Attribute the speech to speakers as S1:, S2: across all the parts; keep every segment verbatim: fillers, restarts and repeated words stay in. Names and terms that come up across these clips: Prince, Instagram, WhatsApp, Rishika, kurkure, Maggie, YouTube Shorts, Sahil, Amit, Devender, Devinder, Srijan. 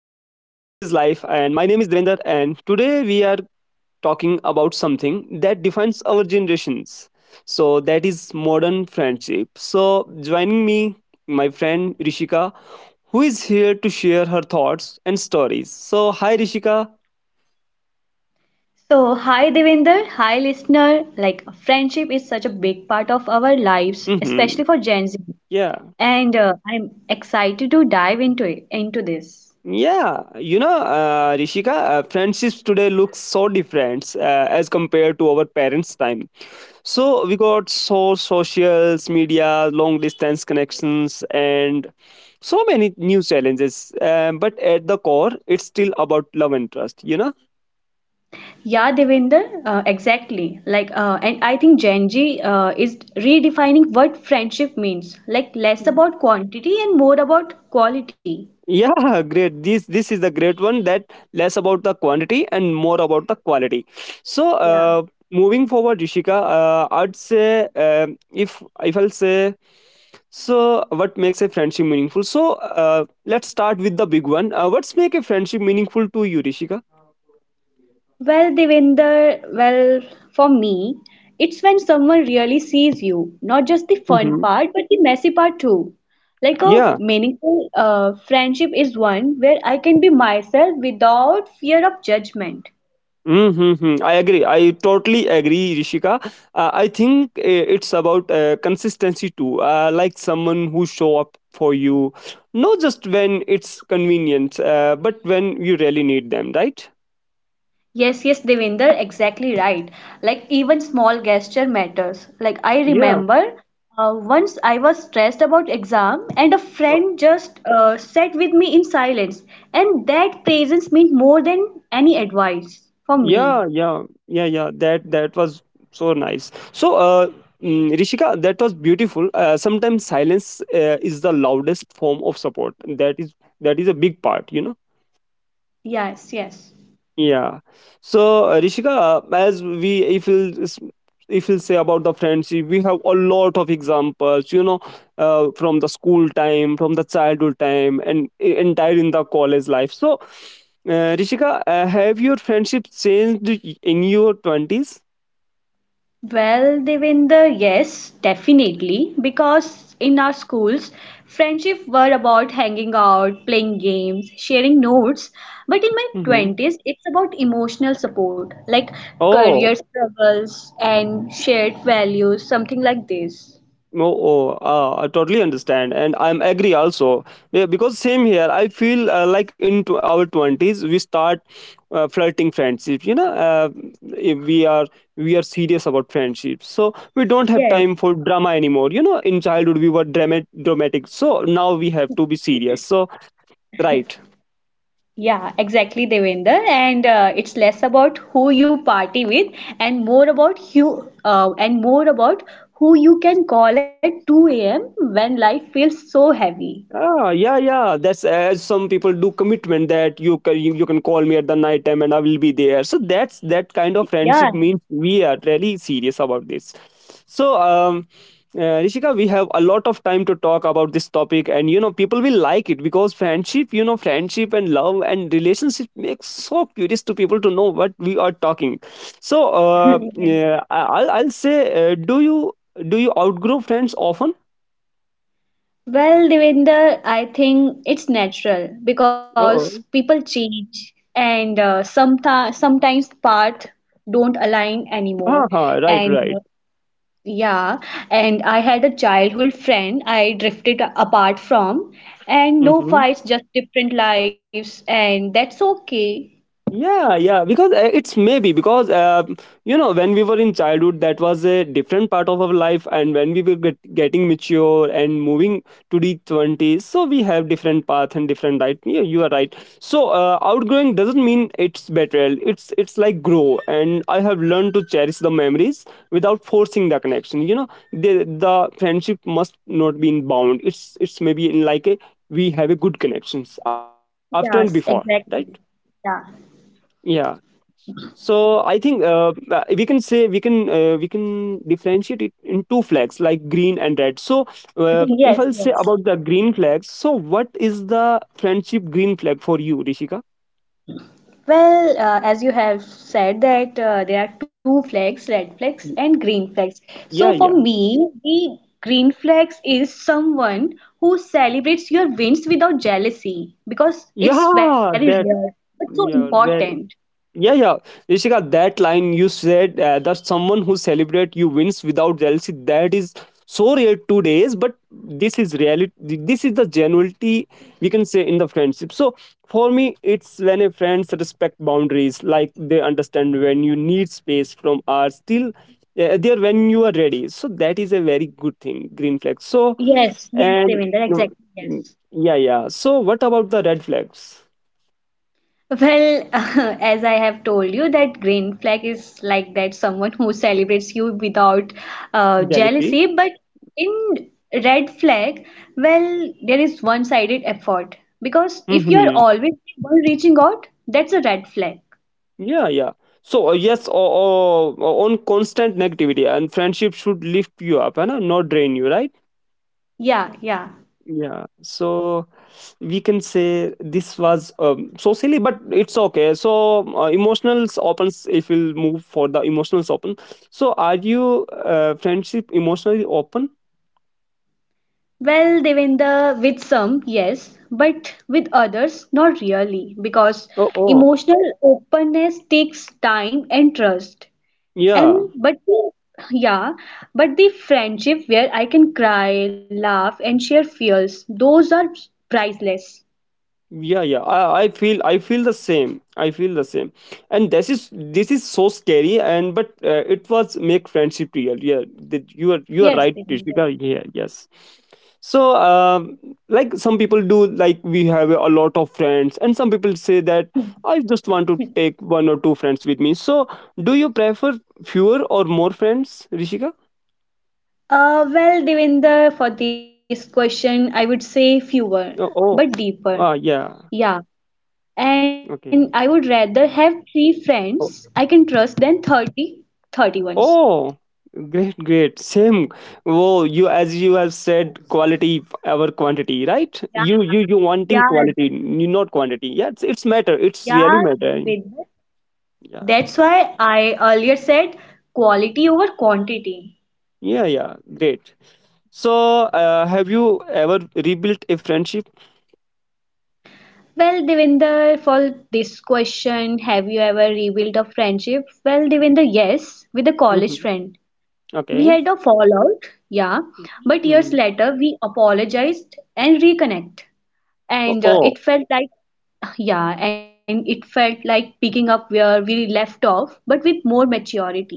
S1: Life, and my name is Devender, and today we are talking about something that defines our generations. So that is modern friendship. So joining me, my friend Rishika, who is here to share her thoughts and stories. So hi Rishika.
S2: So, hi Devinder, hi listener. Like, friendship is such a big part of our lives, especially for
S1: Hmm.
S2: Gen Z.
S1: Yeah.
S2: And uh, I'm excited to dive into it, into this.
S1: Yeah, you know, uh, Rishika, uh, friendships today look so different uh, as compared to our parents' time. So we got so socials, media, long distance connections, and so many new challenges. Um, but at the core, it's still about love and trust. You know?
S2: Yeah, Devinder, uh, exactly. Like, uh, and I think Gen Z uh, is redefining what friendship means. Like, less about quantity and more about quality.
S1: Yeah, great. This this is the great one. That less about the quantity and more about the quality. So
S2: Yeah.
S1: uh, moving forward, Rishika, uh, I'd say um if if I'll say so, what makes a friendship meaningful? So uh, let's start with the big one. Uh, what's make a friendship meaningful to you, Rishika?
S2: Well, Devender, well, for me, it's when someone really sees you, not just the fun
S1: Hmm.
S2: part, but the messy part too. Like a
S1: Yeah.
S2: meaningful uh, friendship is one where I can be myself without fear of judgment.
S1: Mm, hmm, hmm. I agree. I totally agree, Rishika. Uh, I think uh, it's about uh, consistency too. Uh, like someone who show up for you, not just when it's convenient, uh, but when you really need them, right?
S2: Yes, yes, Devinder, exactly right. Like even small gesture matters. Like I
S1: Yeah.
S2: remember uh, once I was stressed about exam and a
S1: Uh,
S2: friend just uh, sat with me in silence, and that presence meant more than any advice for me.
S1: yeah, yeah, yeah, yeah. That that was so nice. So, uh, mm, Rishika, that was beautiful. Uh, sometimes silence uh, is the loudest form of support. That is that is a big part, you know.
S2: Yes, yes.
S1: Yeah. So uh, Rishika, uh, as we if we'll s- if we'll say about the friendship, we have a lot of examples. You know, uh, from the school time, from the childhood time, and e- entire in the college life. So, uh, Rishika, uh, have your friendship changed y- in your twenties?
S2: Well, Devinder, yes, definitely. Because in our schools, friendship were about hanging out, playing games, sharing notes. But in my
S1: Mm-hmm.
S2: twenties, it's about emotional support, like
S1: Oh.
S2: career struggles and shared values, something like this.
S1: Oh, oh uh, I totally understand, and I'm agree also. Yeah, because same here. I feel uh, like into our twenties we start uh, flirting friendships. You know, uh, if we are we are serious about friendships, so we don't have
S2: Yes.
S1: time for drama anymore. You know, in childhood we were dramatic, dramatic, so now we have to be serious. So right.
S2: Yeah, exactly, Devinder. And uh, it's less about who you party with and more about who uh, and more about who you can call at two a m when life feels so heavy.
S1: Ah, yeah, yeah. That's as some people do commitment that you can you, you can call me at the night time and I will be there. So that's that kind of
S2: Yeah.
S1: friendship means we are really serious about this. So um, uh, Rishika, we have a lot of time to talk about this topic, and you know people will like it because friendship, you know, friendship and love and relationship makes so curious to people to know what we are talking. So uh,
S2: Yeah.
S1: yeah, I- I'll I'll say, uh, do you do you outgrow friends often?
S2: Well, Devinder, I think it's natural because
S1: Oh,
S2: people change and uh, sometimes sometimes path don't align anymore.
S1: uh-huh, right,
S2: And uh,
S1: right.
S2: yeah, and I had a childhood friend I drifted apart from, and no
S1: Mhm.
S2: fights, just different lives, and that's okay.
S1: Yeah, yeah, because uh, it's maybe because uh, you know when we were in childhood, that was a different part of our life, and when we were get, getting mature and moving to the twenties, so we have different path and different right. Yeah, you are right. So uh, outgrowing doesn't mean it's better. It's it's like grow, and I have learned to cherish the memories without forcing the connection. You know, the the friendship must not be in bound. It's it's maybe in like a we have a good connections after and before, right?
S2: Yes, exactly. Yeah.
S1: Yeah. So I think uh, uh, we can say we can uh, we can differentiate it in two flags like green and red. So uh, if
S2: Yes,
S1: I'll say
S2: yes.
S1: about the green flags, so what is the friendship green flag for you, Rishika?
S2: Well, uh, as you have said that uh, there are two flags, red flags
S1: Y-
S2: and green flags. So
S1: Yeah,
S2: for
S1: yeah,
S2: me, the green flags is someone who celebrates your wins without jealousy because it's very
S1: yeah. That
S2: rare but so
S1: yeah,
S2: important.
S1: very. Yeah, yeah. Rishika, that line you said uh, that someone who celebrate you wins without jealousy, that is so rare today's, but this is reality. This is the genuinity we can say in the friendship. So for me, it's when a friends respect boundaries, like they understand when you need space from ours, still uh, there when you are ready. So that is a very good thing, green flag. So
S2: Yes, yes,
S1: and
S2: Devendra,
S1: uh,
S2: exactly. Yes.
S1: yeah, yeah. So what about the red flags?
S2: Well, as I have told you, that green flag is like that someone who celebrates you without uh,
S1: Jealousy.
S2: jealousy. But in red flag, well, there is one-sided effort because if you are
S1: Mm-hmm.
S2: always the one reaching out, that's a red flag.
S1: Yeah, yeah. So uh, yes, or, or, or on constant negativity, and friendship should lift you up and not drain you, right?
S2: Yeah, yeah.
S1: Yeah. So we can say this was um, so silly, but it's okay. So uh, emotionals opens. If we'll move for the emotionals open. So are you uh, friendship emotionally open?
S2: Well, Devendra, with some, yes, but with others, not really, because
S1: Oh, oh,
S2: emotional openness takes time and trust. And
S1: yeah.
S2: but the, yeah, but the friendship where I can cry, laugh, and share fears, those are priceless.
S1: Yeah, yeah, I, I feel i feel the same, I feel the same, and this is this is so scary, and but uh, it was make friendship real, yeah, that you are you are
S2: Yes,
S1: right,
S2: Devinder.
S1: Rishika. Yeah, yes. So um, like some people do, like we have a lot of friends and some people say that I just want to take one or two friends with me. So do you prefer fewer or more friends, Rishika?
S2: Uh, well, Devinder, for this question, I would say fewer,
S1: Oh, oh.
S2: but
S1: Ah,
S2: deeper.
S1: yeah.
S2: Yeah. And
S1: Okay.
S2: I would rather have three friends I can trust than thirty, thirty ones.
S1: Oh, great, great. Same. Oh, you as you have said, quality over quantity, right?
S2: Yeah,
S1: You you you wanting
S2: yeah,
S1: quality, you not quantity. Yeah, it's it's matter. It's really
S2: yeah,
S1: matter.
S2: Devinder.
S1: Yeah,
S2: That's why I earlier said quality over quantity.
S1: yeah, yeah. Great. So, uh, have you ever rebuilt a friendship?
S2: Well, Devinder, for this question, have you ever rebuilt a friendship? Well, Devinder, yes, with a college
S1: Mm-hmm.
S2: friend. We
S1: Okay.
S2: had a fallout, yeah, but years
S1: Mm.
S2: later we apologized and reconnect.
S1: Oh,
S2: And uh,
S1: oh.
S2: it felt like, yeah, and it felt like picking up where we left off, but with more maturity.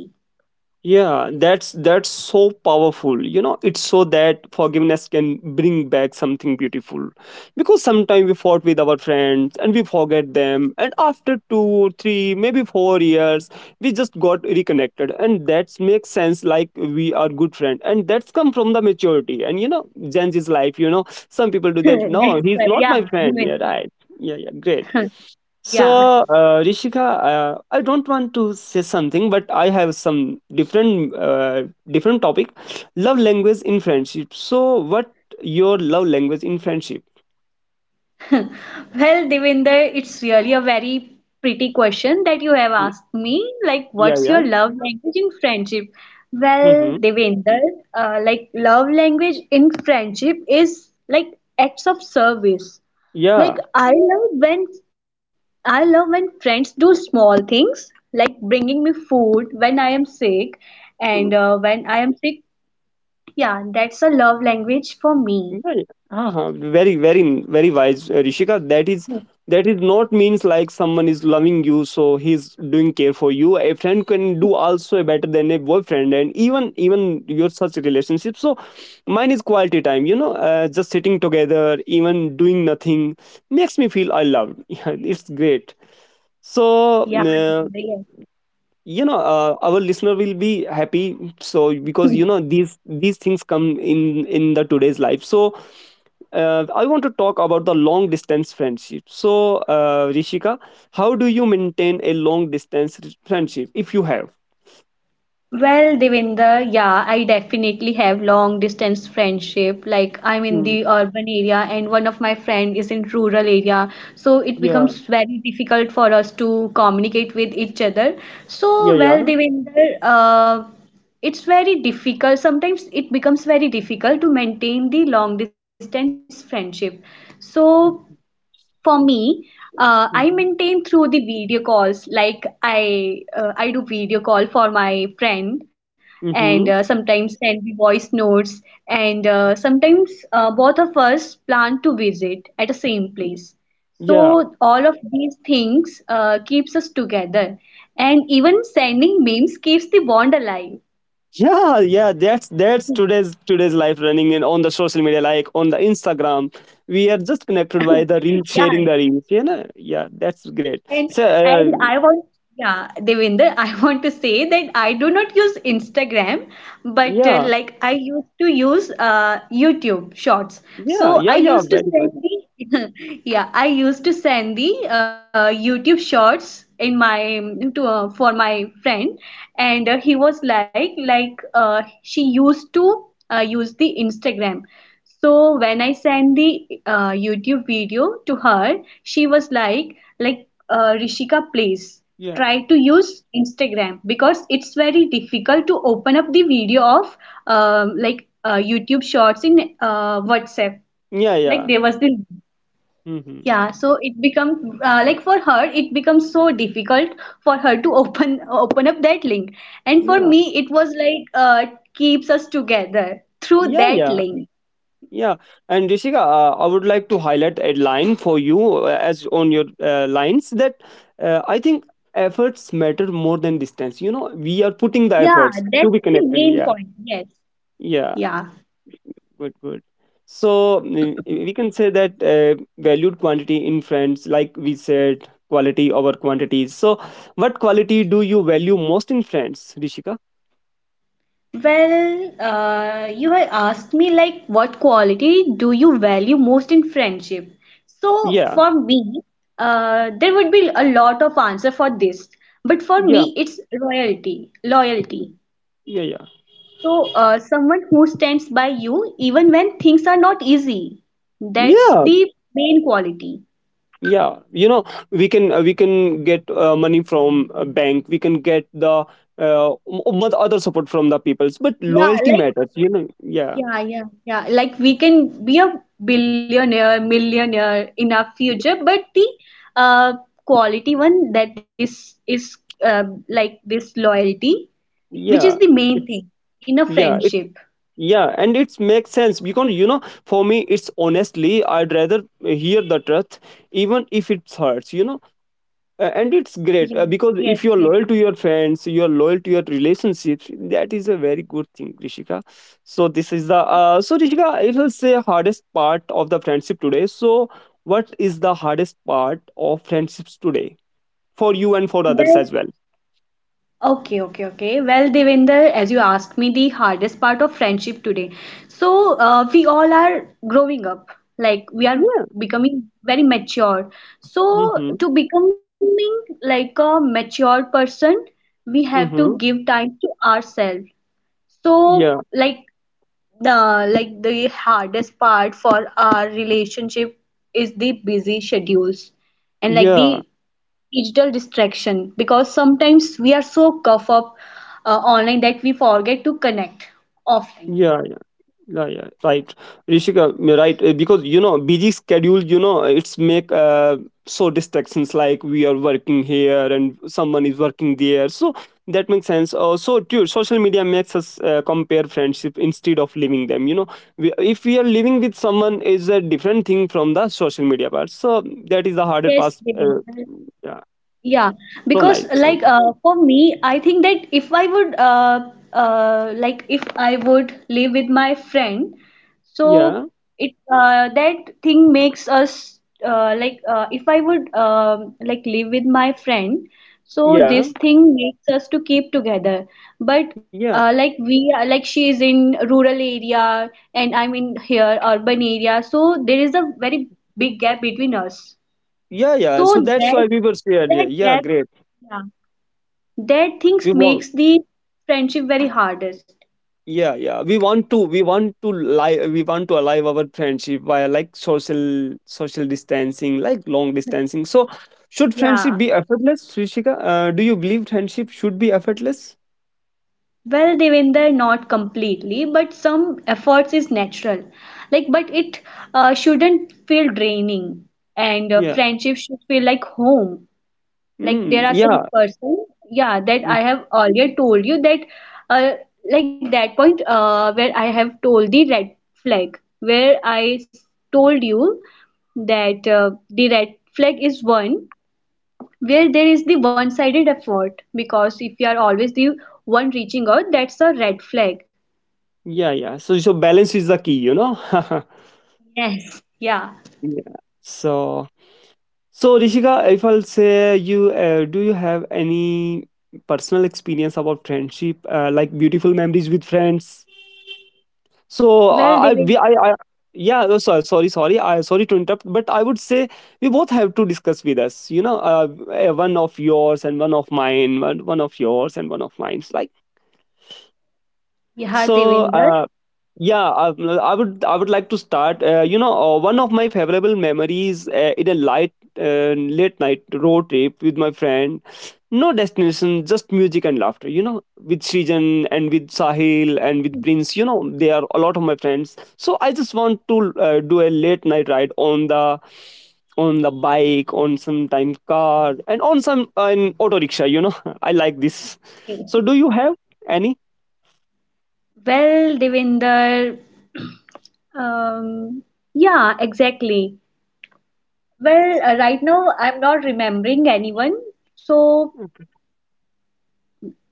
S1: Yeah, that's that's so powerful, you know. It's so that forgiveness can bring back something beautiful, because sometimes we fought with our friends and we forget them and after two three maybe four years we just got reconnected, and that makes sense like we are good friend, and that's come from the maturity and, you know, Gen Z's life, you know, some people do that no
S2: That's
S1: he's
S2: right,
S1: not
S2: yeah,
S1: my friend, yeah,
S2: Devinder.
S1: right. Yeah, yeah, great.
S2: Yeah.
S1: So, uh, Rishika, uh, I don't want to say something, but I have some different uh, different topic. Love language in friendship. So, what your love language in friendship?
S2: Well, Devinder, it's really a very pretty question that you have
S1: Y-
S2: asked me. Like,
S1: Yeah,
S2: what's your
S1: yeah.
S2: love language in friendship? Well,
S1: Mm-hmm.
S2: Devinder, uh, like, love language in friendship is like acts of service. Like,
S1: Yeah.
S2: I love when I love when friends do small things like bringing me food when I am sick, and uh, when I am sick, yeah, that's a love language for me.
S1: Well, uh-huh. Very, very, very wise, uh, Rishika. That is
S2: Hmm.
S1: that is not means like someone is loving you, so he's doing care for you. A friend can do also better than a boyfriend, and even even your such relationship. So mine is quality time. You know, uh, just sitting together, even doing nothing, makes me feel I loved. Yeah, it's great. So
S2: Yeah,
S1: uh,
S2: Devinder.
S1: you know uh, our listener will be happy so
S2: yeah.
S1: because you know these these things come in in the today's life. So uh, i want to talk about the long distance friendship. So uh, Rishika, how do you maintain a long distance r- friendship if you have?
S2: Well, Devinder, yeah, I definitely have long distance friendship. Like I'm in
S1: Mm,
S2: the urban area and one of my friend is in rural area. So it
S1: yeah,
S2: becomes very difficult for us to communicate with each other. So,
S1: yeah, yeah.
S2: well, Devinder, uh, it's very difficult. Sometimes it becomes very difficult to maintain the long distance friendship. So for me uh, I
S1: Mm-hmm.
S2: maintain through the video calls, like i uh, i do video call for my friend, and uh,
S1: Mm-hmm.
S2: sometimes send the voice notes, and uh, sometimes uh, both of us plan to visit at the same place, so
S1: Yeah,
S2: all of these things uh, keeps us together, and even sending memes keeps the bond alive.
S1: yeah, yeah, that's that's today's today's life, running in on the social media like on the Instagram. We are just connected by the reel
S2: Yeah.
S1: sharing the reels, you know. Yeah, that's great.
S2: And
S1: So uh,
S2: and I want, yeah, Devinder, I want to say that I do not use Instagram, but uh,
S1: yeah,
S2: like I used to use uh, YouTube Shorts.
S1: yeah,
S2: So
S1: yeah,
S2: I
S1: yeah,
S2: used to
S1: very
S2: send
S1: good.
S2: the, yeah, I used to send the uh, YouTube Shorts in my to uh, for my friend, and uh, he was like like uh, she used to uh, use the Instagram. So when I sent the uh, YouTube video to her, she was like, like uh, Rishika, please
S1: Yeah,
S2: try to use Instagram because it's very difficult to open up the video of um like uh, YouTube Shorts in uh, WhatsApp.
S1: yeah,
S2: Like
S1: yeah.
S2: there was the
S1: Mm-hmm.
S2: Yeah, so it become uh, like for her it becomes so difficult for her to open open up that link, and for
S1: Yeah,
S2: me it was like uh, keeps us together through
S1: yeah,
S2: that
S1: yeah,
S2: link.
S1: yeah. And Rishika, uh, I would like to highlight a line for you uh, as on your uh, lines that uh, I think efforts matter more than distance. You know, we are putting the
S2: Yeah,
S1: efforts to
S2: that's
S1: be
S2: the
S1: connected.
S2: main
S1: Yeah,
S2: point. Yes.
S1: yeah.
S2: Yeah.
S1: Good, good. So mm, we can say that uh, valued quantity in friends, like we said, quality over quantity. So, what quality do you value most in friends, Rishika?
S2: Well, uh, you had asked me like what quality do you value most in friendship? So
S1: Yeah,
S2: for me, uh, there would be a lot of answer for this, but for
S1: yeah,
S2: me, it's loyalty.
S1: yeah,
S2: Loyalty.
S1: yeah, yeah.
S2: So uh, someone who stands by you even when things are not easy. That's
S1: Yeah,
S2: the main quality.
S1: yeah. You know, we can uh, we can get uh, money from a bank. We can get the uh, m- m- other support from the peoples, but
S2: Yeah,
S1: loyalty
S2: like,
S1: matters. You know, yeah,
S2: yeah, yeah, yeah. Like we can be a billionaire, millionaire in our future, but the uh quality one, that this is uh, like this loyalty, which is the
S1: yeah.
S2: main thing
S1: It's
S2: in a
S1: yeah.
S2: friendship.
S1: It's yeah, and it makes sense because you know for me it's honestly I'd rather hear the truth even if it hurts, you know. Uh, and it's great
S2: Yes,
S1: uh, because
S2: yes,
S1: if you're
S2: yes.
S1: loyal to your friends you're loyal to your relationships. That is a very good thing, Rishika. So this is the uh, so Rishika it will say hardest part of the friendship today. So what is the hardest part of friendships today for you and for others as
S2: Well,
S1: well?
S2: okay, okay, okay. Well, Devinder, as you asked me the hardest part of friendship today. So, uh, we all are growing up, like we are
S1: Yeah.
S2: becoming very mature. So,
S1: Mm-hmm.
S2: to becoming like a mature person, we have
S1: Mm-hmm.
S2: to give time to ourselves. So,
S1: Yeah,
S2: like the like the hardest part for our relationship is the busy schedules and like
S1: yeah,
S2: the digital distraction because sometimes we are so cuffed up uh, online that we forget to connect offline.
S1: yeah, yeah, yeah, right. Rishika, you're right. Uh, because you know busy schedule, you know it's make uh, so distractions, like we are working here and someone is working there, so that makes sense. Uh, so true, social media makes us uh, compare friendship instead of living them, you know. We, if we are living with someone is a different thing from the social media part. So that is the harder
S2: Yes,
S1: part uh,
S2: Devendra.
S1: yeah,
S2: Yeah,
S1: so
S2: because
S1: nice, so
S2: like
S1: nice.
S2: uh, for me, I think that if I would uh, uh, like if I would live with my friend,
S1: Yeah,
S2: so it uh, that thing makes us, uh, like uh, if I would um like live with my friend, so
S1: yeah,
S2: this thing makes us to keep together. But
S1: yeah,
S2: uh, like we are like she is in rural area, and I'm in here urban area, so there is a very big gap between us.
S1: yeah, yeah.
S2: So
S1: So that's why
S2: that
S1: we were shared, yeah,
S2: that
S1: yeah,
S2: gap,
S1: great.
S2: yeah, that
S1: We
S2: things
S1: want.
S2: makes the friendship very hardest.
S1: Yeah, yeah. We want to we want to live we want to alive our friendship via like social social distancing, like long distancing. So should friendship
S2: Yeah.
S1: be effortless, Srishika? Uh, do you believe friendship should be effortless?
S2: Well, Devinder, not completely, but some efforts is natural. Like, but it uh, shouldn't feel draining, and uh,
S1: Yeah.
S2: friendship should feel like home. Like
S1: Mm,
S2: there are some
S1: yeah.
S2: person, yeah, that
S1: Mm,
S2: I have earlier told you, that uh, like that point, uh, where I have told the red flag, where i s- told you that uh, the red flag is one where there is the one-sided effort because if you are always the one reaching out, that's a red flag.
S1: yeah, yeah. So so balance is the key, you know?
S2: Yes. Yeah.
S1: Yeah. So so Rishika, if I'll say you uh, do you have any personal experience about friendship, uh, like beautiful memories with friends? So
S2: Well,
S1: I, I,
S2: devin
S1: we, I, I yeah, oh, sorry, sorry, sorry, I sorry to interrupt, but I would say we both have to discuss with us. You know, uh, eh, one of yours and one of mine, one, one of yours and one of mine. Like
S2: yeah,
S1: so,
S2: Devinder.
S1: uh, yeah, I, I would I would like to start. Uh, you know, uh, one of my favorable memories uh, in a light uh, late night road trip with my friend. No destination, just music and laughter. You know, with Srijan and with Sahil and with Prince. You know, they are a lot of my friends. So I just want to uh, do a late night ride on the on the bike, on sometime car, and on some uh, an auto rickshaw. You know, I like this. So do you have any?
S2: Well, Devinder, um yeah, exactly. Well, uh, right now I'm not remembering anyone, so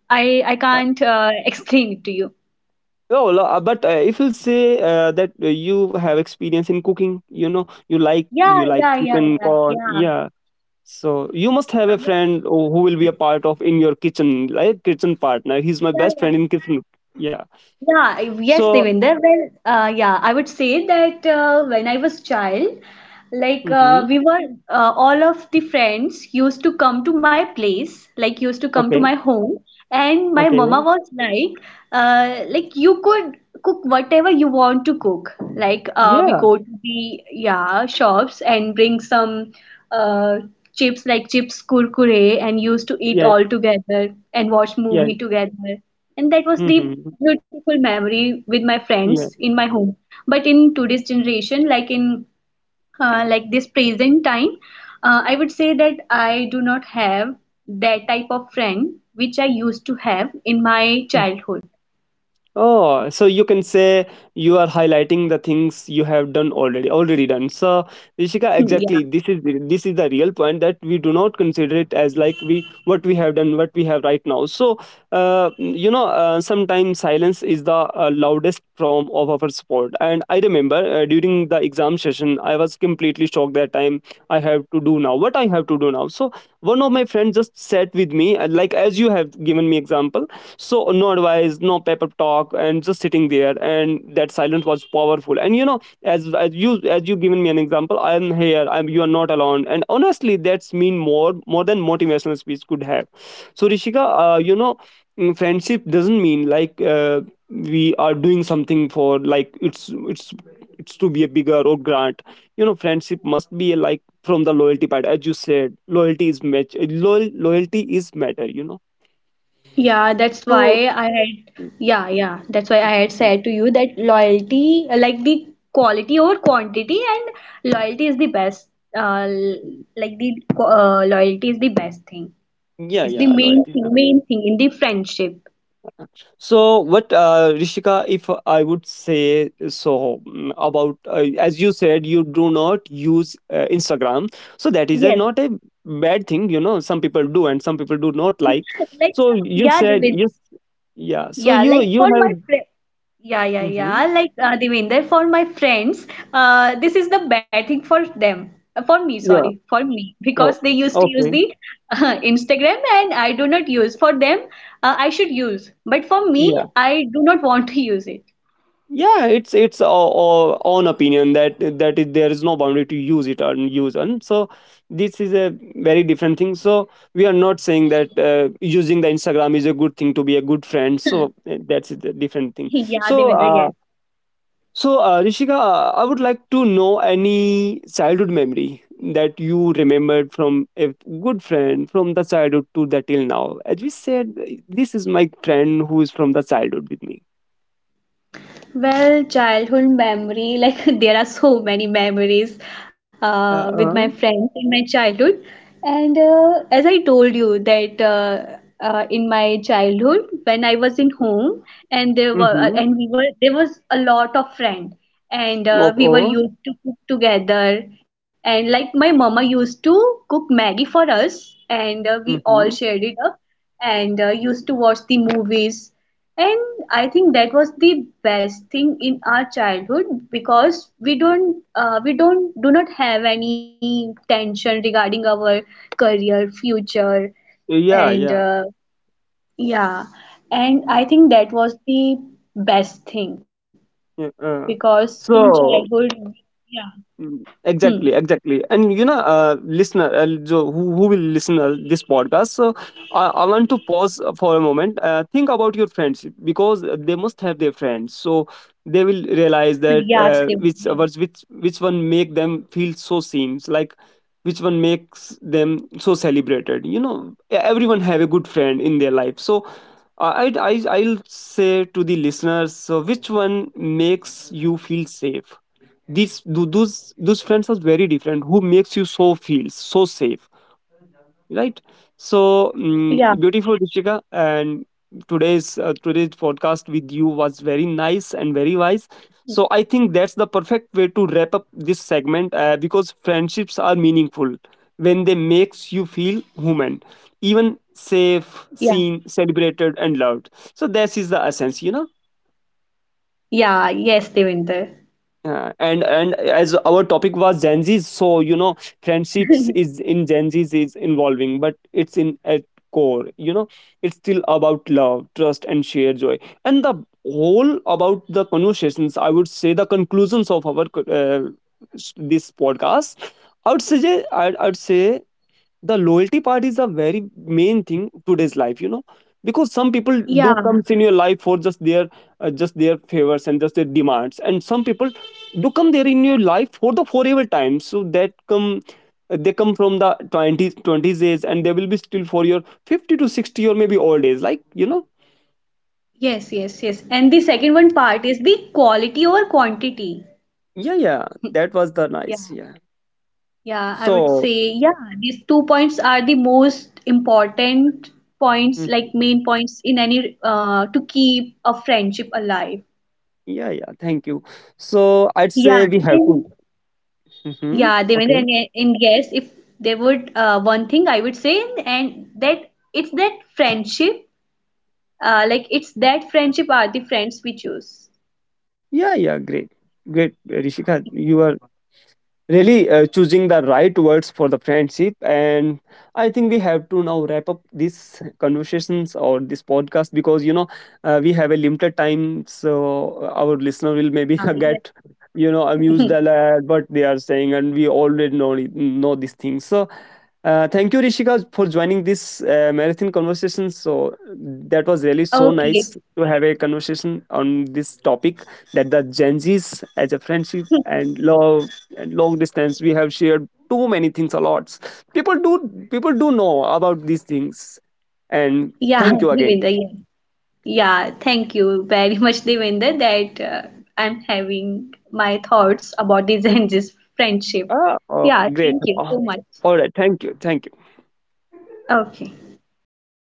S2: I I can't uh, explain it to you.
S1: No, lo- uh, but uh, if you say uh, that uh, you have experience in cooking, you know, you like
S2: Yeah,
S1: you like
S2: yeah,
S1: you
S2: yeah,
S1: can
S2: yeah,
S1: call,
S2: yeah,
S1: yeah. So you must have
S2: yeah,
S1: a
S2: well,
S1: friend who who will be a part of in your kitchen, like kitchen partner. He's my
S2: yeah,
S1: best friend
S2: yeah.
S1: in kitchen. Yeah.
S2: Yeah, I- yes,
S1: So
S2: Devinder. Well, uh, yeah, I would say that uh, when I was child. Like
S1: mm-hmm,
S2: uh, we were uh, all of the friends used to come to my place, like used to come to my
S1: okay,
S2: home, and my mama
S1: okay.
S2: was like, uh, like you could cook whatever you want to cook. Like uh, we
S1: Yeah,
S2: go to the yeah shops and bring some uh, chips, like chips kurkure, and used to eat
S1: yeah,
S2: all together and watch
S1: yeah.
S2: movie together. And that was the
S1: Mm-hmm.
S2: beautiful memory with my friends
S1: Yeah.
S2: in my home. But in today's generation, like in uh, like this present time, uh, I would say that I do not have that type of friend which I used to have in my childhood.
S1: Oh, so you can say you are highlighting the things you have done, already already done. So Rishika,
S2: Yeah,
S1: exactly, this is this is the real point that we do not consider it as, like, we what we have done, what we have right now. So uh, you know, uh, sometimes silence is the uh, loudest form of our support. And I remember uh, during the exam session, I was completely shocked that time. I have to do now what I have to do now. So one of my friends just sat with me, uh, like as you have given me example. So no advice, no paper talk, and just sitting there, and that silence was powerful. And you know, as, as you as you given me an example, I'm here, I'm, you are not alone, and honestly, that's mean more more than motivational speech could have. So Rishika, uh, you know, mm, friendship doesn't mean like, uh, we are doing something for, like, it's it's it's to be a bigger or grant. You know, friendship must be like from the loyalty part. As you said, loyalty is match, loyal, loyalty is matter, you know.
S2: yeah, that's why I had yeah, yeah, that's why I had
S1: So
S2: said to you that loyalty, like the quality over quantity, and loyalty is the best, uh, l- like the qu- uh, loyalty is the best thing,
S1: yeah,
S2: it's the
S1: yeah,
S2: main
S1: loyalty is
S2: thing
S1: better.
S2: main thing in the friendship.
S1: So, what, uh, Rishika, if I would say, so mm, about, uh, as you said, you do not use uh, Instagram. So that is a,
S2: Yes,
S1: not a bad thing, you know, some people do and some people do not, like.
S2: like,
S1: So, you
S2: yeah,
S1: said,
S2: they
S1: yes, yeah. So,
S2: yeah,
S1: you,
S2: like
S1: you
S2: for my
S1: have,
S2: friend. Yeah, yeah,
S1: mm-hmm,
S2: yeah. Like uh, Devinder, for my friends, uh, this is the bad thing for them. Uh, For me, sorry,
S1: yeah,
S2: for me,
S1: oh,
S2: because they used to
S1: okay,
S2: use the uh, Instagram, and I do not use. For them, uh, I should use, but for me,
S1: yeah,
S2: I do not want to use it.
S1: yeah. it's it's our, our own opinion, that that is, there is no boundary to use it and use. And so this is a very different thing. So we are not saying that uh, using the Instagram is a good thing to be a good friend. So uh, that's a different thing.
S2: Yeah,
S1: so
S2: Devinder,
S1: uh,
S2: yes.
S1: so uh, Rishika, uh, I would like to know any childhood memory that you remembered from a good friend from the childhood to the till now. As we said, this is my friend who is from the childhood with me.
S2: Well, childhood memory, like there are so many memories
S1: uh,
S2: uh, with my
S1: uh,
S2: friends in my childhood. And uh, as I told you that uh, uh, in my childhood, when I was in home, and there were uh,
S1: mhm.
S2: and we were there was a lot of friends, and uh, we were
S1: Oo,
S2: used to cook together. And like my mama used to cook Maggie for us, and uh, we all
S1: mhm.
S2: shared it up, and uh, used to watch the movies, and I think that was the best thing in our childhood because we don't uh, we don't do not have any tension regarding our career, future,
S1: Yeah,
S2: and
S1: yeah,
S2: uh, yeah. And I
S1: mm,
S2: think that was the best thing
S1: yeah, uh,
S2: because in
S1: so
S2: childhood, yeah,
S1: mm.
S2: hmm,
S1: Exactly, exactly. And you know, uh, listener, uh, jo- who, who will listen uh, this podcast, so I, I want to pause uh, for a moment. Uh, think about your friends because they must have their friends. So they will
S2: yeah,
S1: realize
S2: Steve,
S1: that
S2: yeah,
S1: uh, which was which which one make them feel so seen, like which one makes them so celebrated. You know, everyone have a good friend in their life. So I I I'll say to the listeners, so which one makes you feel safe? these tho- those those friends are very different, who makes you so feel so safe, right? So
S2: yeah,
S1: mm beautiful, Dishika. And today's uh, today's podcast with you was very nice and very wise. So I think that's the perfect way to wrap up this segment, uh, because friendships are meaningful when they makes you feel human, even
S2: yeah,
S1: safe, seen, celebrated, and loved. So this is the essence, you know.
S2: yeah, yes, Devinder.
S1: Yeah, and and as our topic was Gen Z, so you know, friendships is in Gen Z's is involving, but it's in at core, you know, it's still about love, trust, and shared joy. And the whole about the conversations, I would say the conclusions of our uh, s- this podcast. I would say I would say the loyalty part is the very main thing today's life, you know, because some people
S2: Yeah,
S1: do comes in your life for just their uh, just their favors and just their demands, and some people do come there in your life for the forever time. So that come, uh, they come from the twenties, 20s age, and they will be still for your fifty to sixty or maybe old age, like, you know.
S2: yes, yes, yes. And the second one part is the quality over quantity.
S1: Yeah, yeah, that was the
S2: Yeah,
S1: nice, yeah.
S2: yeah, I would
S1: So
S2: say, yeah, these two points are the most important points, like
S1: mhm.
S2: main points in any, uh, to keep a friendship alive.
S1: Yeah, yeah, thank you. So I'd
S2: Yeah,
S1: say we have to,
S2: and
S1: hmm,
S2: yeah, Devendra, and, and yes, if there would uh, one thing I would say, and that it's that friendship, uh, like it's that friendship are the friends we choose.
S1: yeah, yeah, great. Great, Rishika. You are really uh, choosing the right words for the friendship. And I think we have to now wrap up these conversations, or this podcast, because you know, uh, we have a limited time. So uh, our listener will maybe
S2: Uh, Yeah,
S1: get, you know, amused a
S2: yes.
S1: lot what they are saying, and we already know know these things. So uh, thank you, Rishika, for joining this uh, marathon conversation. So that was really so
S2: Okay.
S1: nice to have a conversation on this topic, that the Gen Z's as a friendship and love and long distance. We have shared too many things a lot. people do people do know about these things. And
S2: Yeah,
S1: thank you again.
S2: Devendra, yes. Yeah, thank you very much, Devinder, that uh, I'm having my thoughts about this and this friendship.
S1: Ah,
S2: Yeah,
S1: oh, great.
S2: thank you
S1: Ah,
S2: so much.
S1: all right, thank you, thank you.
S2: Okay.